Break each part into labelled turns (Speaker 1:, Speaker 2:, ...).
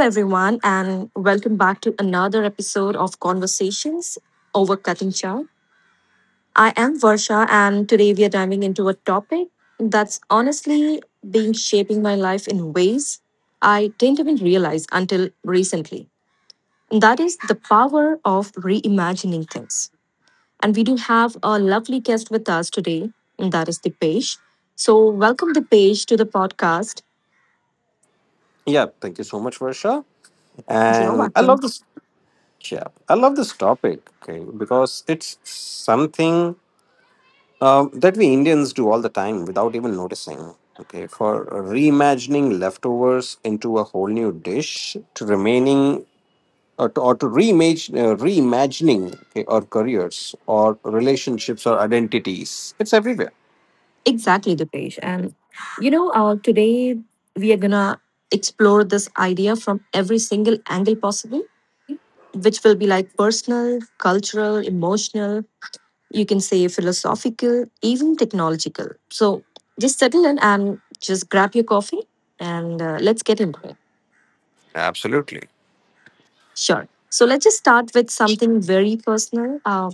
Speaker 1: everyone, and welcome back to another episode of Conversations over Cutting Chow. I am Varsha, and today we are diving into a topic that's honestly been shaping my life in ways I didn't even realize until recently. And that is the power of reimagining things. And we do have a lovely guest with us today, and that is Dipesh. So, welcome Dipesh to the podcast.
Speaker 2: Yeah, thank you so much, Varsha.
Speaker 1: You're
Speaker 2: And I
Speaker 1: welcome.
Speaker 2: love this. Yeah, I love this topic. Okay, because it's something that we Indians do all the time without even noticing. Okay, for reimagining leftovers into a whole new dish, to remaining or to reimagine, reimagining, okay, our careers or relationships or identities. It's everywhere.
Speaker 1: Exactly, Dipesh. And today we are gonna explore this idea from every single angle possible, which will be like personal, cultural, emotional, you can say philosophical, even technological. So just settle in and just grab your coffee and let's get into it.
Speaker 2: Absolutely.
Speaker 1: Sure. So let's just start with something very personal,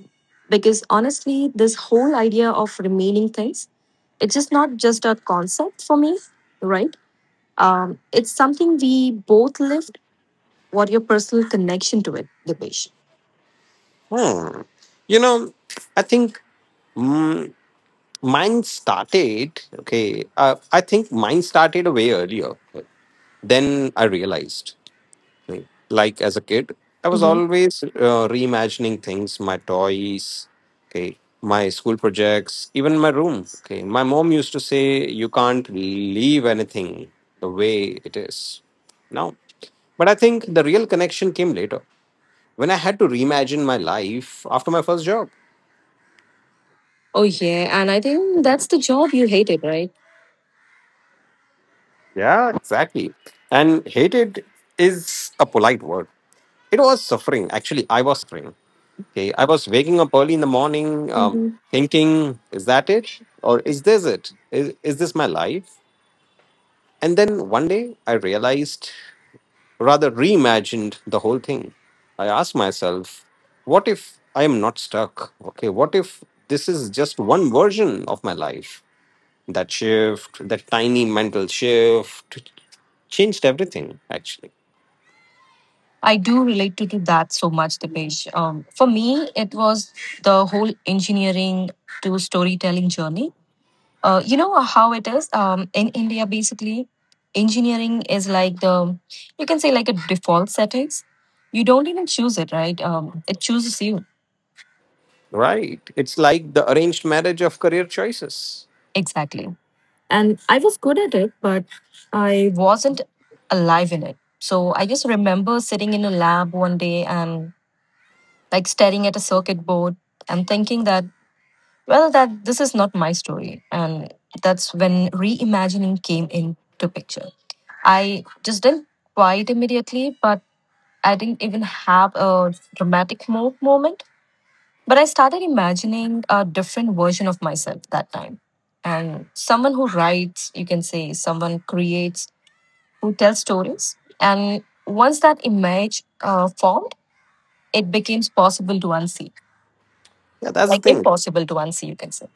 Speaker 1: because honestly, this whole idea of remaining things, it's just not just a concept for me, right? It's something we both lived. What your personal connection to it, Dipesh?
Speaker 2: Hmm. You know, I think mm, mine started, okay, I think mine started way earlier then I realized. Like as a kid, I was
Speaker 1: Hmm.
Speaker 2: always reimagining things, my toys, okay, my school projects, even my room. Okay, my mom used to say, "You can't leave anything the way it is now." But I think the real connection came later when I had to reimagine my life after my first job.
Speaker 1: Oh yeah, and I think that's the job you hated, right?
Speaker 2: Yeah, exactly. And hated is a polite word. It was suffering. Actually, I was suffering. Okay, I was waking up early in the morning,
Speaker 1: Hmm.
Speaker 2: thinking, "Is that it? Or is this it? Is this my life?" And then one day, I realized, rather reimagined the whole thing. I asked myself, "What if I am not stuck? Okay, what if this is just one version of my life?" That shift, that tiny mental shift changed everything, actually.
Speaker 1: I do relate to that so much, Dipesh. For me, it was the whole engineering to storytelling journey. You know how it is in India. Basically, engineering is like the, you can say, like a default settings. You don't even choose it, right? It chooses you,
Speaker 2: Right? It's like the arranged marriage of career choices.
Speaker 1: exactly. And I was good at it, but I wasn't alive in it. So I just remember sitting in a lab one day and, like, staring at a circuit board and thinking that, well, that this is not my story. And that's when reimagining came into picture. I just didn't quite immediately, but I didn't even have a dramatic moment, but I started imagining a different version of myself that time. And someone who writes, you can say, someone creates, who tells stories. And once that image formed, it became possible to unsee,
Speaker 2: Yeah, that's the
Speaker 1: like
Speaker 2: thing.
Speaker 1: impossible to unsee, you can say.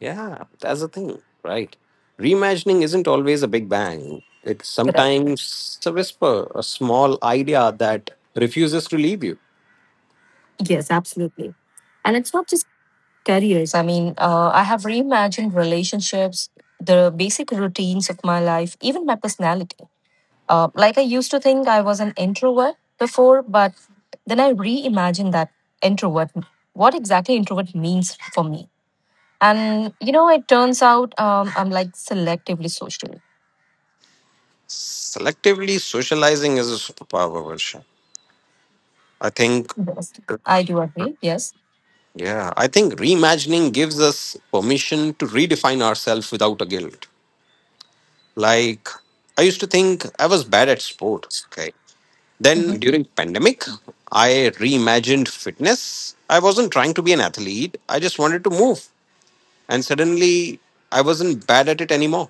Speaker 2: Yeah, that's the thing. Right. Reimagining isn't always a big bang. It's
Speaker 1: Right.
Speaker 2: sometimes it's a whisper, a small idea that refuses to leave you.
Speaker 1: Yes, absolutely. And it's not just careers. I mean, I have reimagined relationships, the basic routines of my life, even my personality. Like I used to think I was an introvert before, but then I reimagined that introvert, what exactly introvert means for me. And, it turns out I'm like selectively social.
Speaker 2: Selectively socializing is a superpower version. I think
Speaker 1: Yes, I do agree. Yes.
Speaker 2: yeah, I think reimagining gives us permission to redefine ourselves without a guilt. Like, I used to think I was bad at sport. Okay.
Speaker 1: Hmm.
Speaker 2: Then during pandemic, I reimagined fitness. I wasn't trying to be an athlete. I just wanted to move. And suddenly I wasn't bad at it anymore.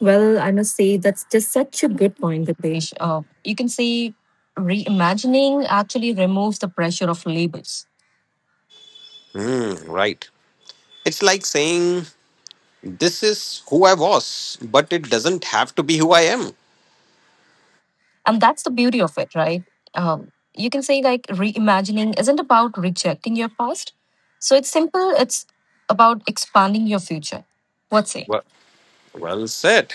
Speaker 1: Well, I must say that's just such a good point, Dipesh. You can say reimagining actually removes the pressure of labels.
Speaker 2: Hmm, right. It's like saying, "This is who I was, but it doesn't have to be who I am."
Speaker 1: And that's the beauty of it, right? You can say like reimagining isn't about rejecting your past. So it's simple, it's about expanding your future. What say?
Speaker 2: Well, well said.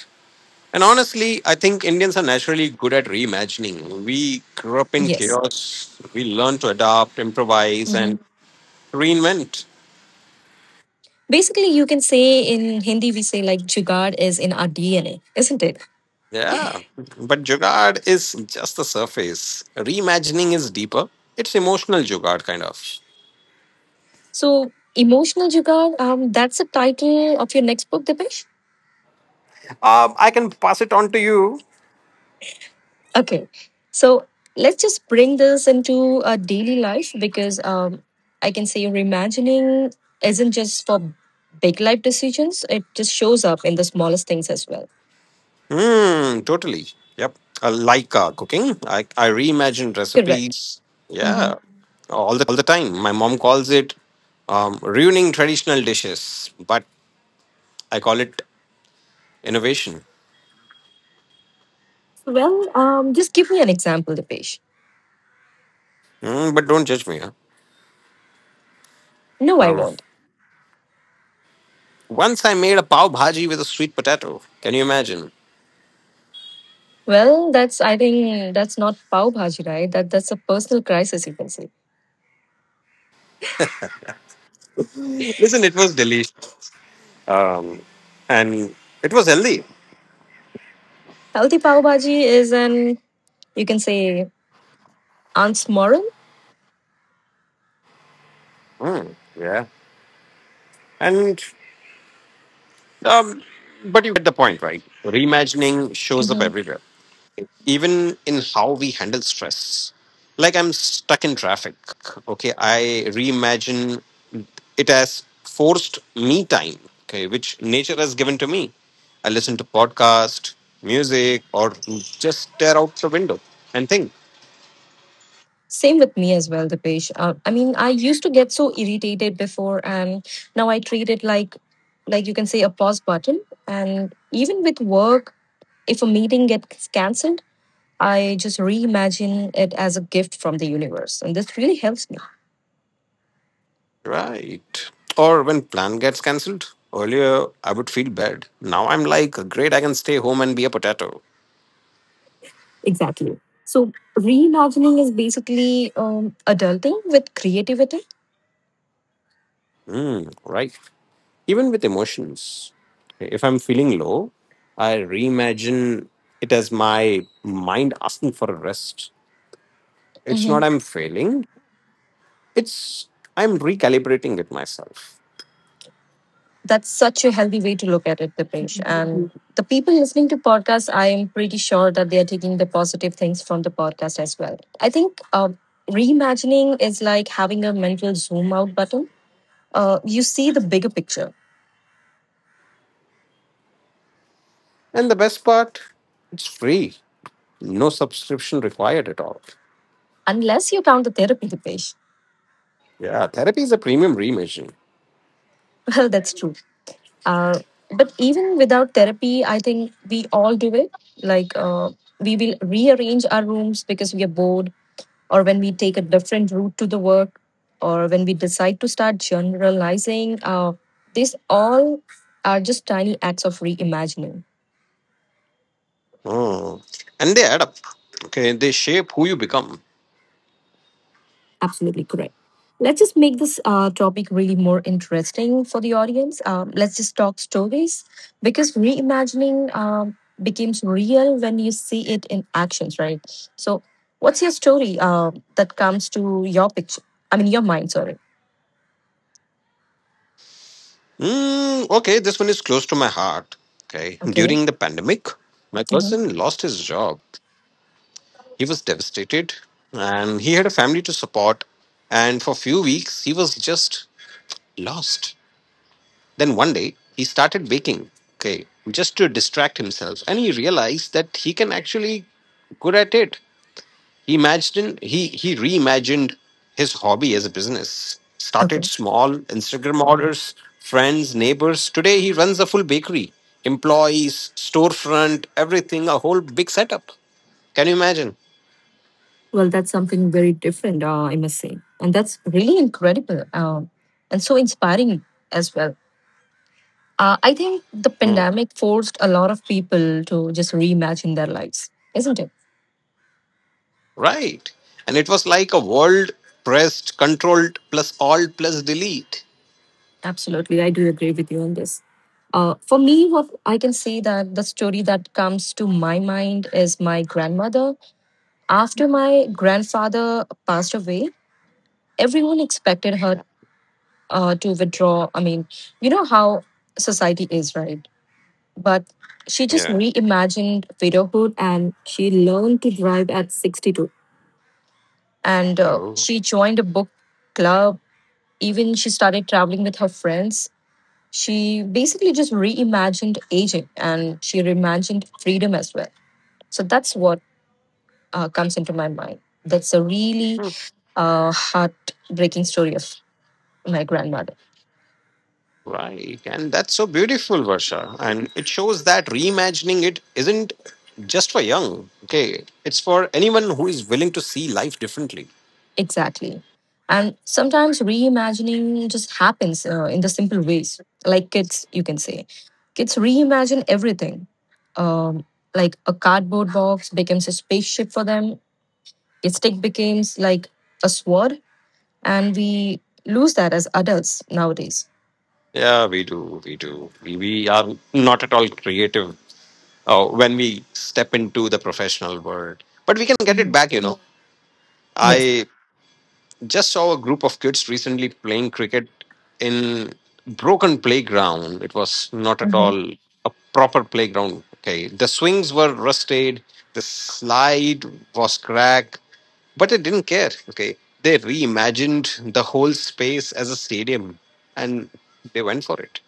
Speaker 2: And honestly, I think Indians are naturally good at reimagining. We grew up in
Speaker 1: Yes.
Speaker 2: chaos. We learn to adapt, improvise,
Speaker 1: Hmm.
Speaker 2: and reinvent.
Speaker 1: Basically, you can say in Hindi, we say like jugaad is in our DNA, isn't it?
Speaker 2: Yeah. But Jugaad is just the surface. Reimagining is deeper. It's emotional Jugaad, kind of.
Speaker 1: So, emotional jugaad, that's the title of your next book, Dipesh?
Speaker 2: I can pass it on to you.
Speaker 1: Okay. So let's just bring this into a daily life because I can say reimagining isn't just for big life decisions, it just shows up in the smallest things as well.
Speaker 2: Hmm, totally. Yep. I like cooking. I reimagine
Speaker 1: Correct.
Speaker 2: recipes.
Speaker 1: Hmm.
Speaker 2: Yeah. All the time. My mom calls it ruining traditional dishes, but I call it innovation.
Speaker 1: Well, just give me an example, Dipesh.
Speaker 2: Mm, but don't judge me. Huh?
Speaker 1: No, I
Speaker 2: Um,
Speaker 1: won't.
Speaker 2: Once I made a pav bhaji with a sweet potato. Can you imagine?
Speaker 1: Well, that's, I think that's not pav bhaji, right? That's a personal crisis, you can say.
Speaker 2: Listen, it was delicious, um, and it was healthy.
Speaker 1: Healthy pav bhaji is an, you can say, aunt's moral.
Speaker 2: Mm, yeah, and um, but you get the point, right? Reimagining shows up
Speaker 1: Mm-hmm.
Speaker 2: everywhere, even in how we handle stress. Like, I'm stuck in traffic. Okay, I reimagine it as forced me time. Okay, which nature has given to me. I listen to podcast, music, or just stare out the window and think.
Speaker 1: Same with me as well, Dipesh. I mean, I used to get so irritated before, and now I treat it like you can say, a pause button. And even with work, if a meeting gets cancelled, I just reimagine it as a gift from the universe, and this really helps me.
Speaker 2: Right. Or when plan gets cancelled. Earlier, I would feel bad. Now I'm like, great, I can stay home and be a potato.
Speaker 1: Exactly. So reimagining is basically adulting with creativity.
Speaker 2: Mm, right. Even with emotions. If I'm feeling low, I reimagine it as my mind asking for a rest. It's not
Speaker 1: Mhm.
Speaker 2: I'm failing, it's I'm recalibrating it myself.
Speaker 1: That's such a healthy way to look at it, Dipesh. And the people listening to podcasts, I am pretty sure that they are taking the positive things from the podcast as well. I think reimagining is like having a mental zoom out button you see the bigger picture,
Speaker 2: And the best part, it's free. No subscription required at all.
Speaker 1: unless you count the therapy, Dipesh.
Speaker 2: Yeah, therapy is a premium reimaging.
Speaker 1: Well, that's true. Uh, but even without therapy, I think we all do it. Like we will rearrange our rooms because we are bored, or when we take a different route to the work, or when we decide to start generalizing. These all are just tiny acts of reimagining.
Speaker 2: Mm. And they add up. Okay, they shape who you become.
Speaker 1: Absolutely correct. Let's just make this topic really more interesting for the audience. Let's just talk stories because reimagining becomes real when you see it in actions, right? So, what's your story that comes to your picture? I mean, your mind, sorry.
Speaker 2: Mm, okay, this one is close to my heart. Okay,
Speaker 1: Okay.
Speaker 2: during the pandemic, my
Speaker 1: Mhm.
Speaker 2: cousin lost his job. He was devastated and he had a family to support. And for a few weeks, he was just lost. Then one day, he started baking. Okay, just to distract himself. And he realized that he can actually good at it. He imagined, he reimagined his hobby as a business. Started
Speaker 1: Okay.
Speaker 2: small, Instagram orders, friends, neighbors. Today he runs a full bakery, employees, storefront, everything, a whole big setup. Can you imagine?
Speaker 1: Well, that's something very different, I must say. And that's really incredible and so inspiring as well. I think the
Speaker 2: Hmm.
Speaker 1: pandemic forced a lot of people to just reimagine their lives, isn't it?
Speaker 2: Right. And it was like a world pressed, controlled, plus all, plus delete.
Speaker 1: Absolutely. I do agree with you on this. For me, what I can say that the story that comes to my mind is my grandmother. After my grandfather passed away, everyone expected her to withdraw. I mean, you know how society is, right? But she just reimagined widowhood, and she learned to drive at 62, and
Speaker 2: Yeah.
Speaker 1: she joined a book club. Even she started traveling with her friends. She basically just reimagined aging, and she reimagined freedom as well. So that's what comes into my mind. That's a really heartbreaking story of my grandmother.
Speaker 2: Right. And that's so beautiful, Varsha. And it shows that reimagining it isn't just for young. Okay. It's for anyone who is willing to see life differently.
Speaker 1: Exactly. And sometimes reimagining just happens in the simple ways. Like kids, you can say, kids reimagine everything, um, like a cardboard box becomes a spaceship for them. It stick becomes like a sword, and we lose that as adults nowadays.
Speaker 2: Yeah, we do. We do. We are not at all creative when we step into the professional world. But we can get it
Speaker 1: Mhm.
Speaker 2: back, you know.
Speaker 1: Yes.
Speaker 2: Just saw a group of kids recently playing cricket in broken playground. It was not at
Speaker 1: Hmm.
Speaker 2: all a proper playground. Okay, the swings were rusted, the slide was cracked, but they didn't care. Okay, they reimagined the whole space as a stadium and they went for it.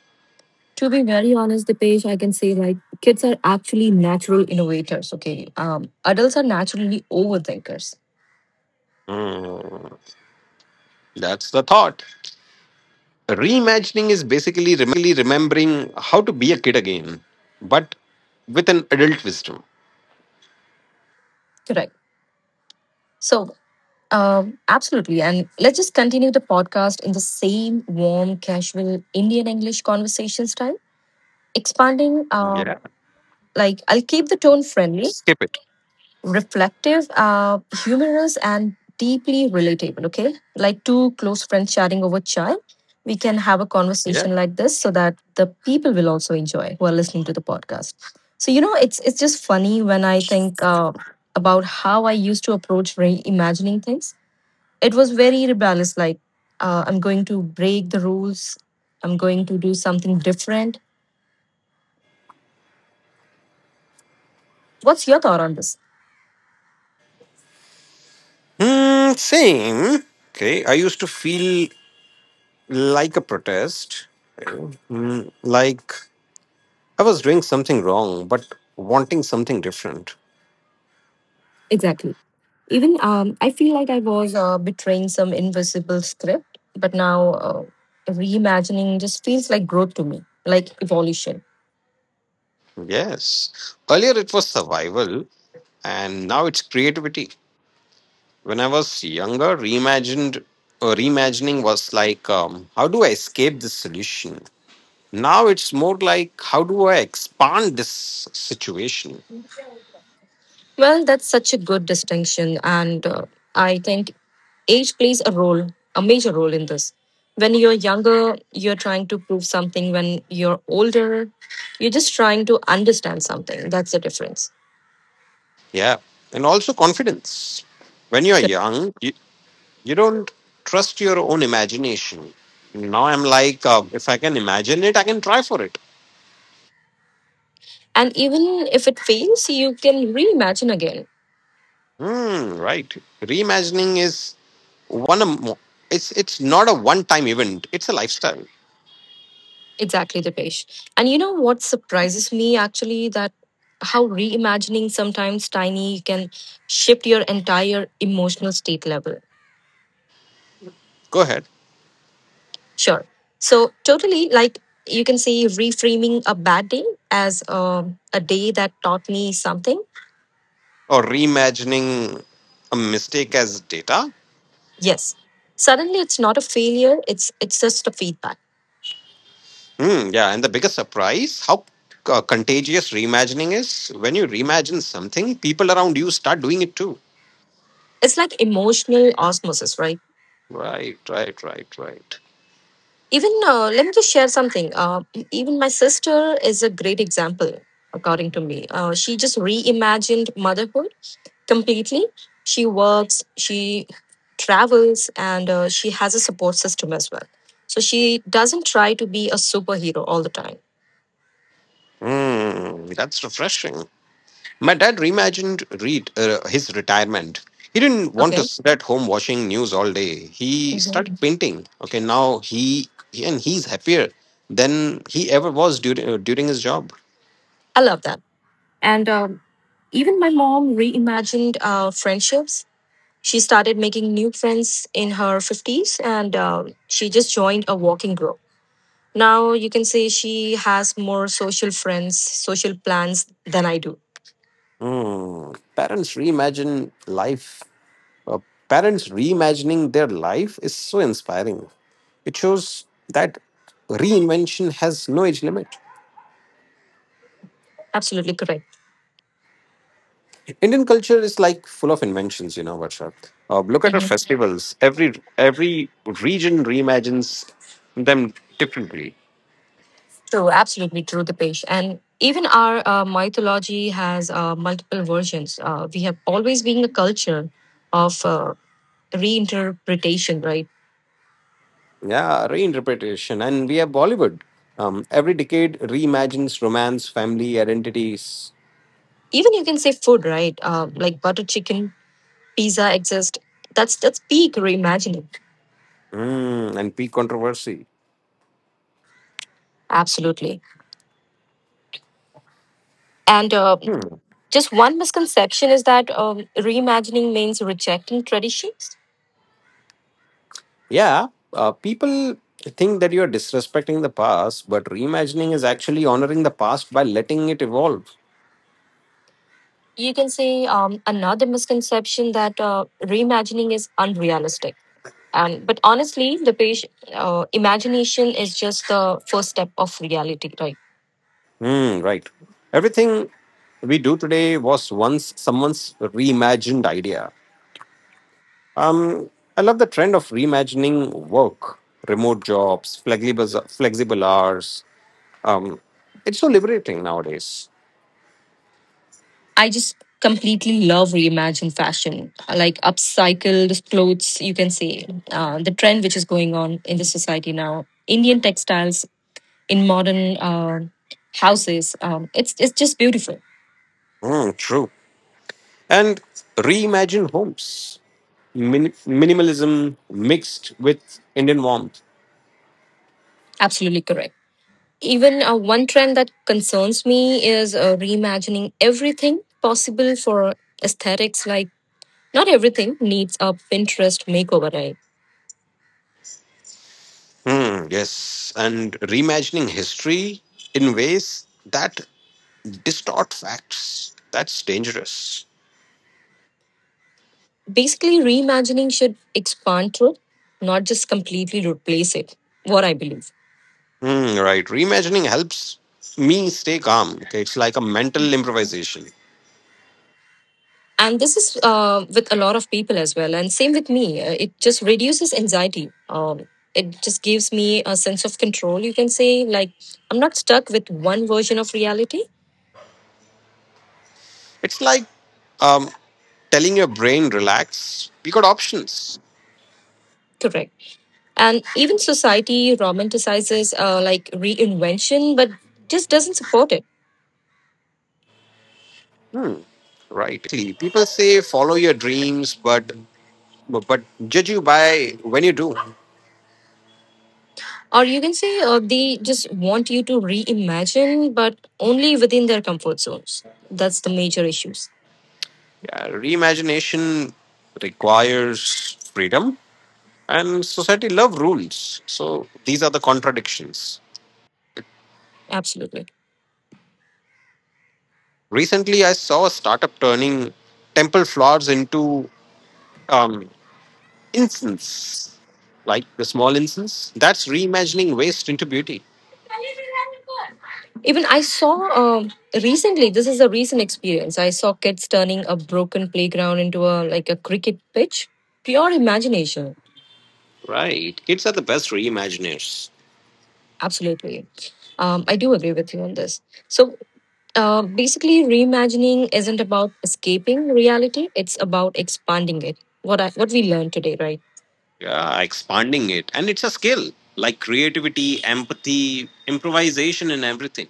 Speaker 1: To be very honest, Dipesh, I can say like kids are actually natural innovators. Okay, adults are naturally overthinkers.
Speaker 2: Mm, that's the thought. Reimagining is basically remembering how to be a kid again, but with an adult wisdom.
Speaker 1: Correct. So, absolutely. And let's just continue the podcast in the same warm, casual Indian English conversation style, expanding.
Speaker 2: Yeah,
Speaker 1: Like I'll keep the tone friendly
Speaker 2: skip it.
Speaker 1: reflective, humorous, and deeply relatable. Okay, like two close friends chatting over chai, we can have a
Speaker 2: Yeah.
Speaker 1: conversation like this so that the people will also enjoy who are listening to the podcast. So it's just funny when I think about how I used to approach reimagining things. It was very rebellious, like I'm going to break the rules. I'm going to do something different. What's your thought on this?
Speaker 2: Mm, same. Okay. I used to feel like a protest, Mm, like I was doing something wrong, but wanting something different.
Speaker 1: Exactly. Even I feel like I was betraying some invisible script, but now reimagining just feels like growth to me, like evolution.
Speaker 2: Yes. Earlier it was survival, and now it's creativity. When I was younger, reimagined or reimagining was like, how do I escape this solution? Now it's more like, how do I expand this situation?
Speaker 1: Well, that's such a good distinction, and I think age plays a role, a major role in this. When you're younger, you're trying to prove something. When you're older, you're just trying to understand something. That's the difference.
Speaker 2: Yeah. And also confidence. When you're young, you don't trust your own imagination. Now I'm like, if I can imagine it, I can try for it.
Speaker 1: And even if it fails, you can reimagine again.
Speaker 2: Hmm, right. Reimagining is one of mo- it's not a one time event. It's a lifestyle.
Speaker 1: Exactly, Dipesh. And you know what surprises me actually that how reimagining sometimes tiny can shift your entire emotional state level.
Speaker 2: Go ahead.
Speaker 1: Sure. So totally like you can say reframing a bad day as a day that taught me something.
Speaker 2: Or reimagining a mistake as data.
Speaker 1: Yes. Suddenly it's not a failure, it's just a feedback.
Speaker 2: Hmm, yeah, and the biggest surprise, how contagious reimagining is. When you reimagine something, people around you start doing it too.
Speaker 1: It's like emotional osmosis, right?
Speaker 2: Right, right, right, right.
Speaker 1: Even let me just share something. Even my sister is a great example, according to me. She just reimagined motherhood completely. She works, she travels, and she has a support system as well. So she doesn't try to be a superhero all the time.
Speaker 2: Mm, that's refreshing. My dad reimagined his retirement. He didn't want to
Speaker 1: Okay,
Speaker 2: sit at home watching news all day. He
Speaker 1: Mhm.
Speaker 2: started painting. Okay, now he and he's happier than he ever was during during his job.
Speaker 1: I love that. And even my mom reimagined friendships. She started making new friends in her 50s and she just joined a walking group. Now you can say she has more social friends, social plans than I do.
Speaker 2: Mm, parents reimagine life. Uh, Parents reimagining their life is so inspiring. It shows that reinvention has no age limit.
Speaker 1: Absolutely correct.
Speaker 2: Indian culture is like full of inventions, you know, Varsha. Look at our
Speaker 1: Mhm.
Speaker 2: festivals. Every region reimagines them differently.
Speaker 1: True, absolutely true, Dipesh. And even our mythology has multiple versions. We have always been a culture of reinterpretation, right?
Speaker 2: Yeah, reinterpretation, and we have Bollywood. Every decade reimagines romance, family, identities,
Speaker 1: Even you can say food, right? Like butter chicken, pizza exist. That's peak reimagining.
Speaker 2: mm, and peak controversy.
Speaker 1: Absolutely. And
Speaker 2: Hmm.
Speaker 1: just one misconception is that reimagining means rejecting traditions,
Speaker 2: Yeah, people think that you are disrespecting the past, but reimagining is actually honoring the past by letting it evolve.
Speaker 1: you can say, another misconception that reimagining is unrealistic. And but honestly the page imagination is just the first step of reality, right?
Speaker 2: Hmm, right. Everything we do today was once someone's reimagined idea. Um, I love the trend of reimagining work, remote jobs, flexible hours. Um, it's so liberating nowadays.
Speaker 1: I just completely love reimagined fashion like upcycled clothes, you can say, the trend which is going on in the society now, Indian textiles in modern uh, houses. It's just beautiful.
Speaker 2: Hmm, true. And reimagined homes, minimalism mixed with Indian warmth.
Speaker 1: Absolutely correct. Even one trend that concerns me is reimagining everything possible for aesthetics. Like, not everything needs a Pinterest makeover, right?
Speaker 2: Hmm, yes, and reimagining history in ways that distort facts. That's dangerous.
Speaker 1: Basically, reimagining should expand to it, not just completely replace it, what I believe.
Speaker 2: Mm, right. Reimagining helps me stay calm. Okay. It's like a mental improvisation.
Speaker 1: And this is with a lot of people as well. And same with me, it just reduces anxiety. It just gives me a sense of control, you can say. Like, I'm not stuck with one version of reality.
Speaker 2: It's like, um, telling your brain, relax. We got options.
Speaker 1: Correct. And even society romanticizes like reinvention but just doesn't support it,
Speaker 2: Right. Exactly. People say follow your dreams, but but judge you by when you do.
Speaker 1: or you can say they just want you to reimagine but only within their comfort zones. That's the major issues.
Speaker 2: Yeah. Reimagination requires freedom, and society love rules. So these are the contradictions.
Speaker 1: Absolutely.
Speaker 2: Recently, I saw a startup turning temple floors into um, incense, like the small incense. That's reimagining waste into beauty.
Speaker 1: Even I saw um, recently, this is a recent experience. I saw kids turning a broken playground into a like a cricket pitch. Pure imagination.
Speaker 2: Right. Kids are the best reimaginers.
Speaker 1: Absolutely. I do agree with you on this. So basically, reimagining isn't about escaping reality; it's about expanding it. What I, what we learned today, right?
Speaker 2: Yeah, expanding it. And it's a skill, like creativity, empathy, improvisation, and everything.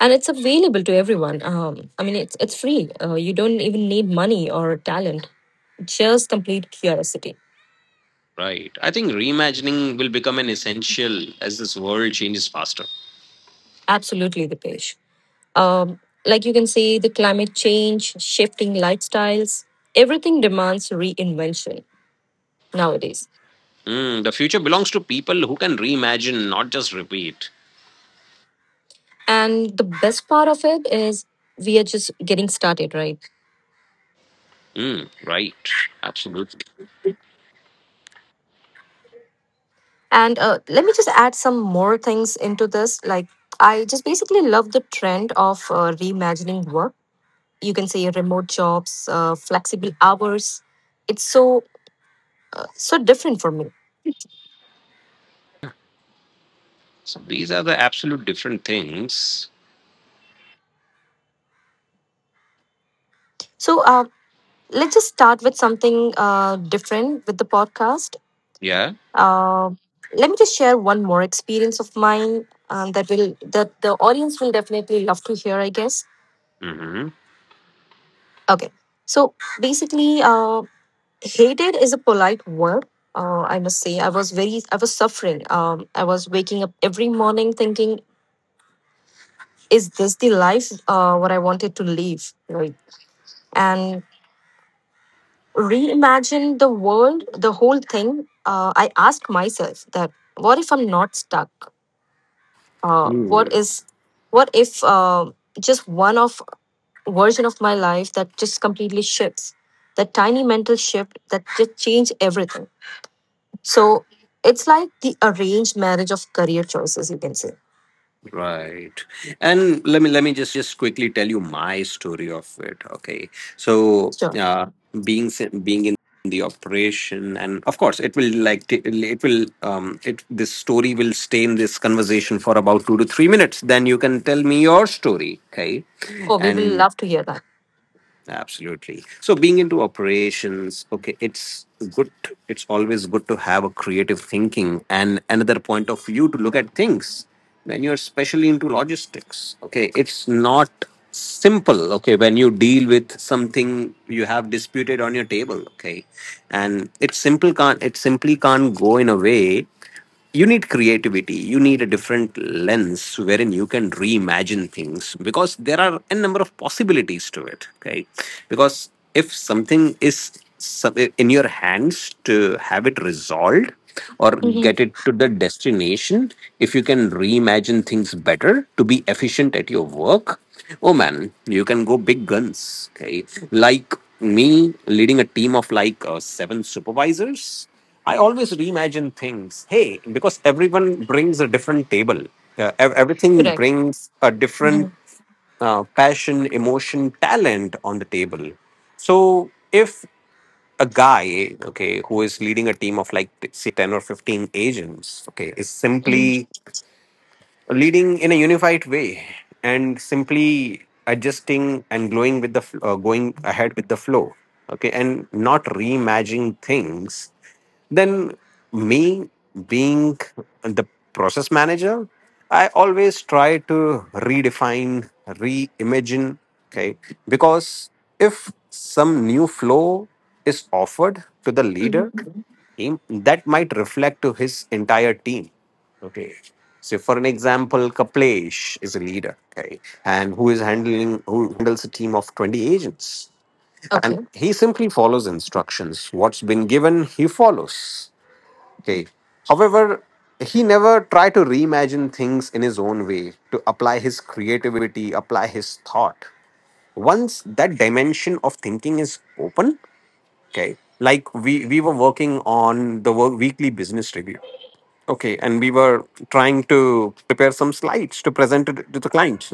Speaker 1: And it's available to everyone. I mean, it's free. You don't even need money or talent, just complete curiosity.
Speaker 2: Right. I think reimagining will become an essential as this world changes faster.
Speaker 1: Absolutely, the page. Um, like, you can see, the climate change, shifting lifestyles, everything demands reinvention nowadays.
Speaker 2: Mm, the future belongs to people who can reimagine, not just repeat.
Speaker 1: And the best part of it is we are just getting started, right?
Speaker 2: Mm, right. Absolutely.
Speaker 1: And let me just add some more things into this. Like, I just basically love the trend of reimagining work. You can say remote jobs, flexible hours. It's so so different for me.
Speaker 2: Mm, yeah. So these are the absolute different things.
Speaker 1: So let's just start with something different with the podcast.
Speaker 2: Yeah.
Speaker 1: Uh, Let me just share one more experience of mine that will that the audience will definitely love to hear, I guess.
Speaker 2: Mm-hmm.
Speaker 1: Okay. So basically, hated is a polite word, I must say. I was suffering. I was waking up every morning thinking, is this the life what I wanted to live, right? And reimagine the world, the whole thing. I asked myself that what if I'm not stuck, what is what if just one of version of my life that just completely shifts, that tiny mental shift that just change everything. So it's like the arranged marriage of career choices, you can say.
Speaker 2: Right. And let me just quickly tell you my story of it. Okay. So
Speaker 1: Sure.
Speaker 2: being in the operation, and of course, it will like it will it this story will stay in this conversation for about 2 to 3 minutes. Then you can tell me your story. Okay.
Speaker 1: Oh, we will
Speaker 2: And
Speaker 1: love to hear that.
Speaker 2: absolutely. So being into operations, okay, it's good. It's always good to have a creative thinking and another point of view to look at things. When you're especially into logistics, okay, it's not simple. Okay, when you deal with something you have disputed on your table, okay, and it simple can't it simply can't go in a way you need. Creativity, you need a different lens wherein you can reimagine things, because there are a number of possibilities to it. Okay, because if something is some- in your hands to have it resolved or
Speaker 1: Hmm.
Speaker 2: get it to the destination, if you can reimagine things better to be efficient at your work, oh man, you can go big guns. Okay, like me leading a team of like seven supervisors, I always reimagine things. Hey, because everyone brings a different table. Everything
Speaker 1: Correct.
Speaker 2: brings a different
Speaker 1: Hmm.
Speaker 2: passion, emotion, talent on the table. So if a guy, okay, who is leading a team of like say 10 or 15 agents, okay, is
Speaker 1: Hmm.
Speaker 2: simply leading in a unified way and simply adjusting and going with the going ahead with the flow, okay, and not reimagining things, then me being the process manager, I always try to redefine, reimagine, okay? Because if some new flow is offered to the leader,
Speaker 1: Hmm.
Speaker 2: him, that might reflect to his entire team. Okay, so for an example, Kaplesh is a leader, okay, and who is handling who handles a team of 20 agents, and
Speaker 1: Okay.
Speaker 2: he simply follows instructions, what's been given he follows, okay, however he never tried to reimagine things in his own way to apply his creativity, apply his thought. Once that dimension of thinking is open, okay, like we were working on the work, weekly business review, okay, and we were trying to prepare some slides to present it to the client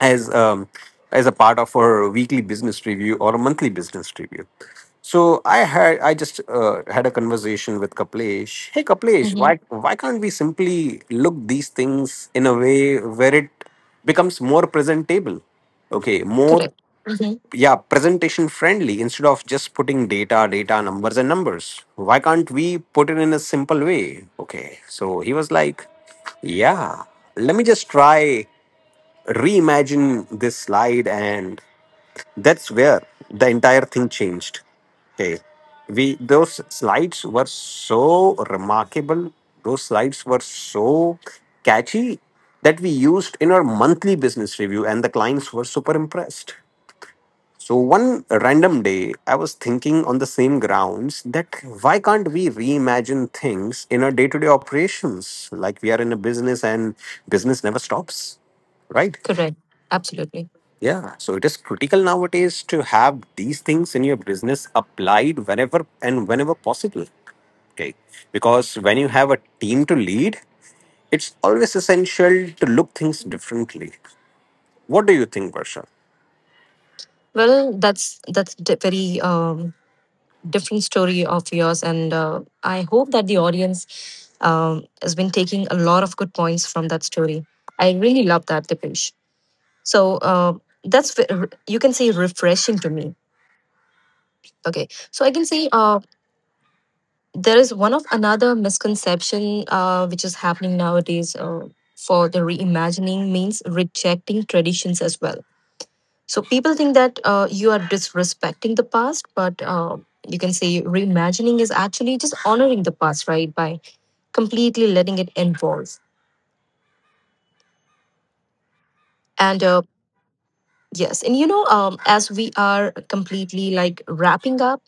Speaker 2: as um, as a part of our weekly business review or a monthly business review. So I just had a conversation with Kaplesh. "Hey Kaplesh,
Speaker 1: Hmm.
Speaker 2: why can't we simply look these things in a way where it becomes more presentable? Okay, more,
Speaker 1: Correct. Hmm.
Speaker 2: yeah, presentation friendly, instead of just putting data, data, numbers and numbers, why can't we put it in a simple way?" Okay, so he was like, yeah, let me just try reimagine this slide. And that's where the entire thing changed. Okay, we, those slides were so remarkable, those slides were so catchy that we used in our monthly business review and the clients were super impressed. So one random day I was thinking on the same grounds, that why can't we reimagine things in our day-to-day operations? Like we are in a business and business never stops, right?
Speaker 1: Correct. Absolutely.
Speaker 2: Yeah, so it is critical nowadays to have these things in your business applied whenever and whenever possible. Okay, because when you have a team to lead, it's always essential to look things differently. What do you think, Varsha?
Speaker 1: Well, that's very different story of yours, and I hope that the audience has been taking a lot of good points from that story. I really love that, Dipesh. So that's you can say refreshing to me. Okay, so I can say. There is one of another misconception which is happening nowadays for the reimagining means rejecting traditions as well. So people think that you are disrespecting the past, but you can say reimagining is actually just honoring the past, right, by completely letting it evolve. And yes, and you know, as we are completely like wrapping up,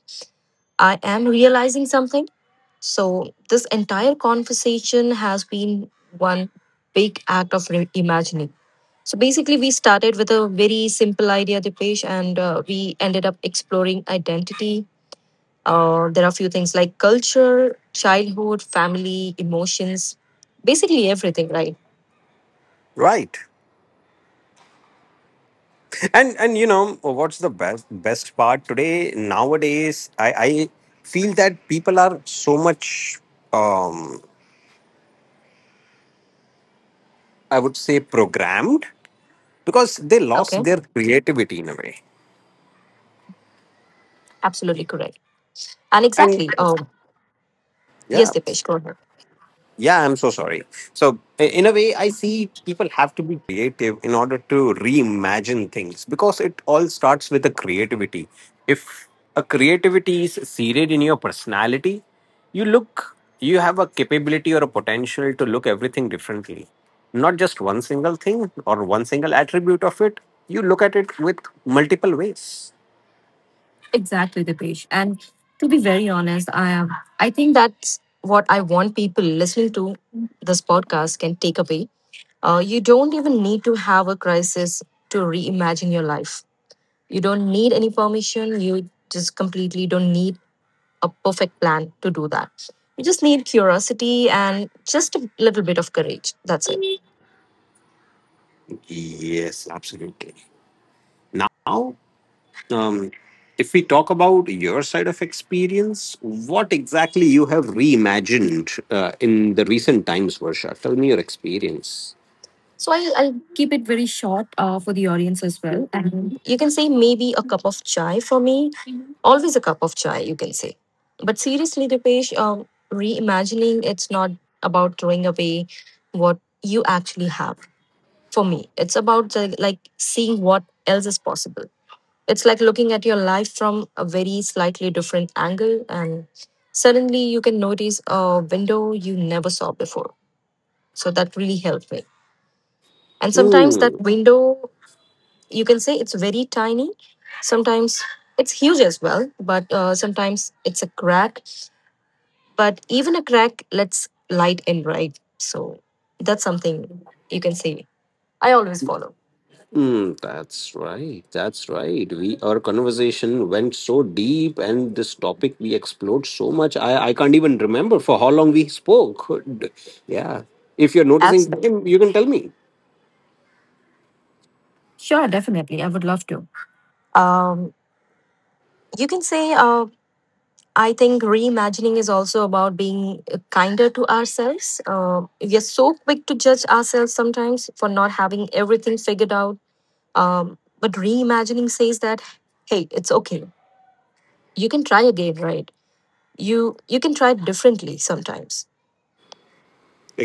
Speaker 1: I am realizing something. So this entire conversation has been one big act of re- imagining. So basically, we started with a very simple idea, Dipesh, and we ended up exploring identity. There are a few things like culture, childhood, family, emotions, basically everything, right?
Speaker 3: Right. And you know what's the best part today nowadays I feel that people are so much um I would say programmed because they lost
Speaker 1: Okay,
Speaker 3: their creativity in a way.
Speaker 1: absolutely correct. And
Speaker 3: And
Speaker 1: exactly, yes,
Speaker 3: yeah.
Speaker 1: Dipesh, go ahead.
Speaker 3: Yeah, I'm so sorry. So, in a way, I see people have to be creative in order to reimagine things because it all starts with a creativity. If a creativity is seated in your personality, you look, you have a capability or a potential to look everything differently. Not just one single thing or one single attribute of it, you look at it with multiple ways.
Speaker 1: Exactly, Dipesh. And to be very honest, I am. I think that's what I want people listening to this podcast can take away. You don't even need to have a crisis to reimagine your life. You don't need any permission. You just completely don't need a perfect plan to do that. You just need curiosity and just a little bit of courage. That's it.
Speaker 3: Yes, absolutely. Now. Um, if we talk about your side of experience, what exactly you have reimagined in the recent times, Varsha? Tell me your experience.
Speaker 1: So I'll keep it very short for the audience as well. And you can say maybe a cup of chai for me, always a cup of chai, you can say. But seriously, Dipesh, reimagining, it's not about throwing away what you actually have. For me, it's about the, like seeing what else is possible. It's like looking at your life from a very slightly different angle, and suddenly you can notice a window you never saw before. So that really helped me. And sometimes
Speaker 3: Hmm.
Speaker 1: that window, you can say, it's very tiny. Sometimes it's huge as well, but sometimes it's a crack. But even a crack lets light in, right? So that's something you can say I always follow.
Speaker 3: Hmm, that's right. That's right. We our conversation went so deep, and this topic we explored so much. I can't even remember for how long we spoke. Yeah. If you're noticing
Speaker 1: Absolutely.
Speaker 3: time, you can tell me.
Speaker 1: Sure, definitely. I would love to. Um, you can say I think reimagining is also about being kinder to ourselves. We are so quick to judge ourselves sometimes for not having everything figured out. But reimagining says that, hey, it's okay. You can try again, right? You can try differently sometimes,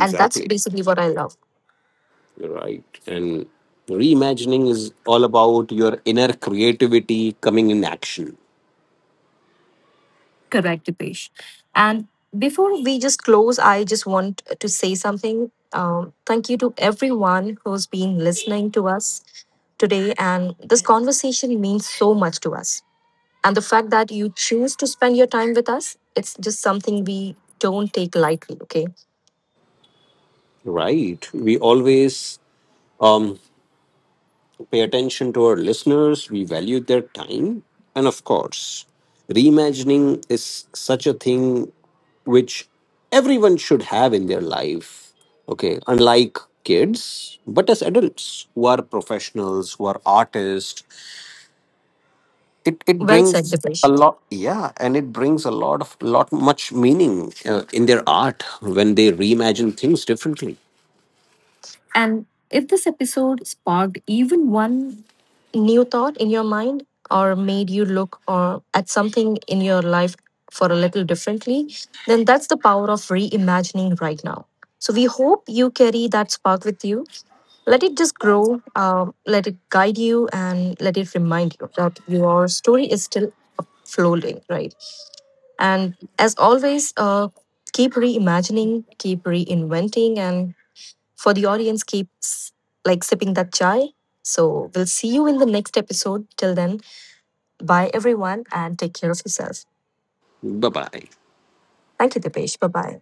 Speaker 1: and that's basically what I love.
Speaker 3: Right. And reimagining is all about your inner creativity coming in action.
Speaker 1: Correct, Dipesh. And before we just close, I just want to say something. Thank you to everyone who's been listening to us today. And this conversation means so much to us. And the fact that you choose to spend your time with us, it's just something we don't take lightly. Okay.
Speaker 3: Right. We always um, pay attention to our listeners, we value their time. And of course, reimagining is such a thing which everyone should have in their life. Okay. Unlike kids, but as adults who are professionals, who are artists, it
Speaker 1: Well
Speaker 3: brings
Speaker 1: said,
Speaker 3: a
Speaker 1: Dipesh.
Speaker 3: lot, yeah, and it brings a lot of lot much meaning in their art when they reimagine things differently.
Speaker 1: And if this episode sparked even one new thought in your mind or made you look or at something in your life for a little differently, then that's the power of reimagining right now. So we hope you carry that spark with you. Let it just grow, let it guide you, and let it remind you that your story is still floating, right? And as always, keep reimagining, keep reinventing, and for the audience, keep like sipping that chai. So we'll see you in the next episode. Till then, bye, everyone, and take care of yourself.
Speaker 3: Bye bye.
Speaker 1: Thank you, Dipesh. Bye bye.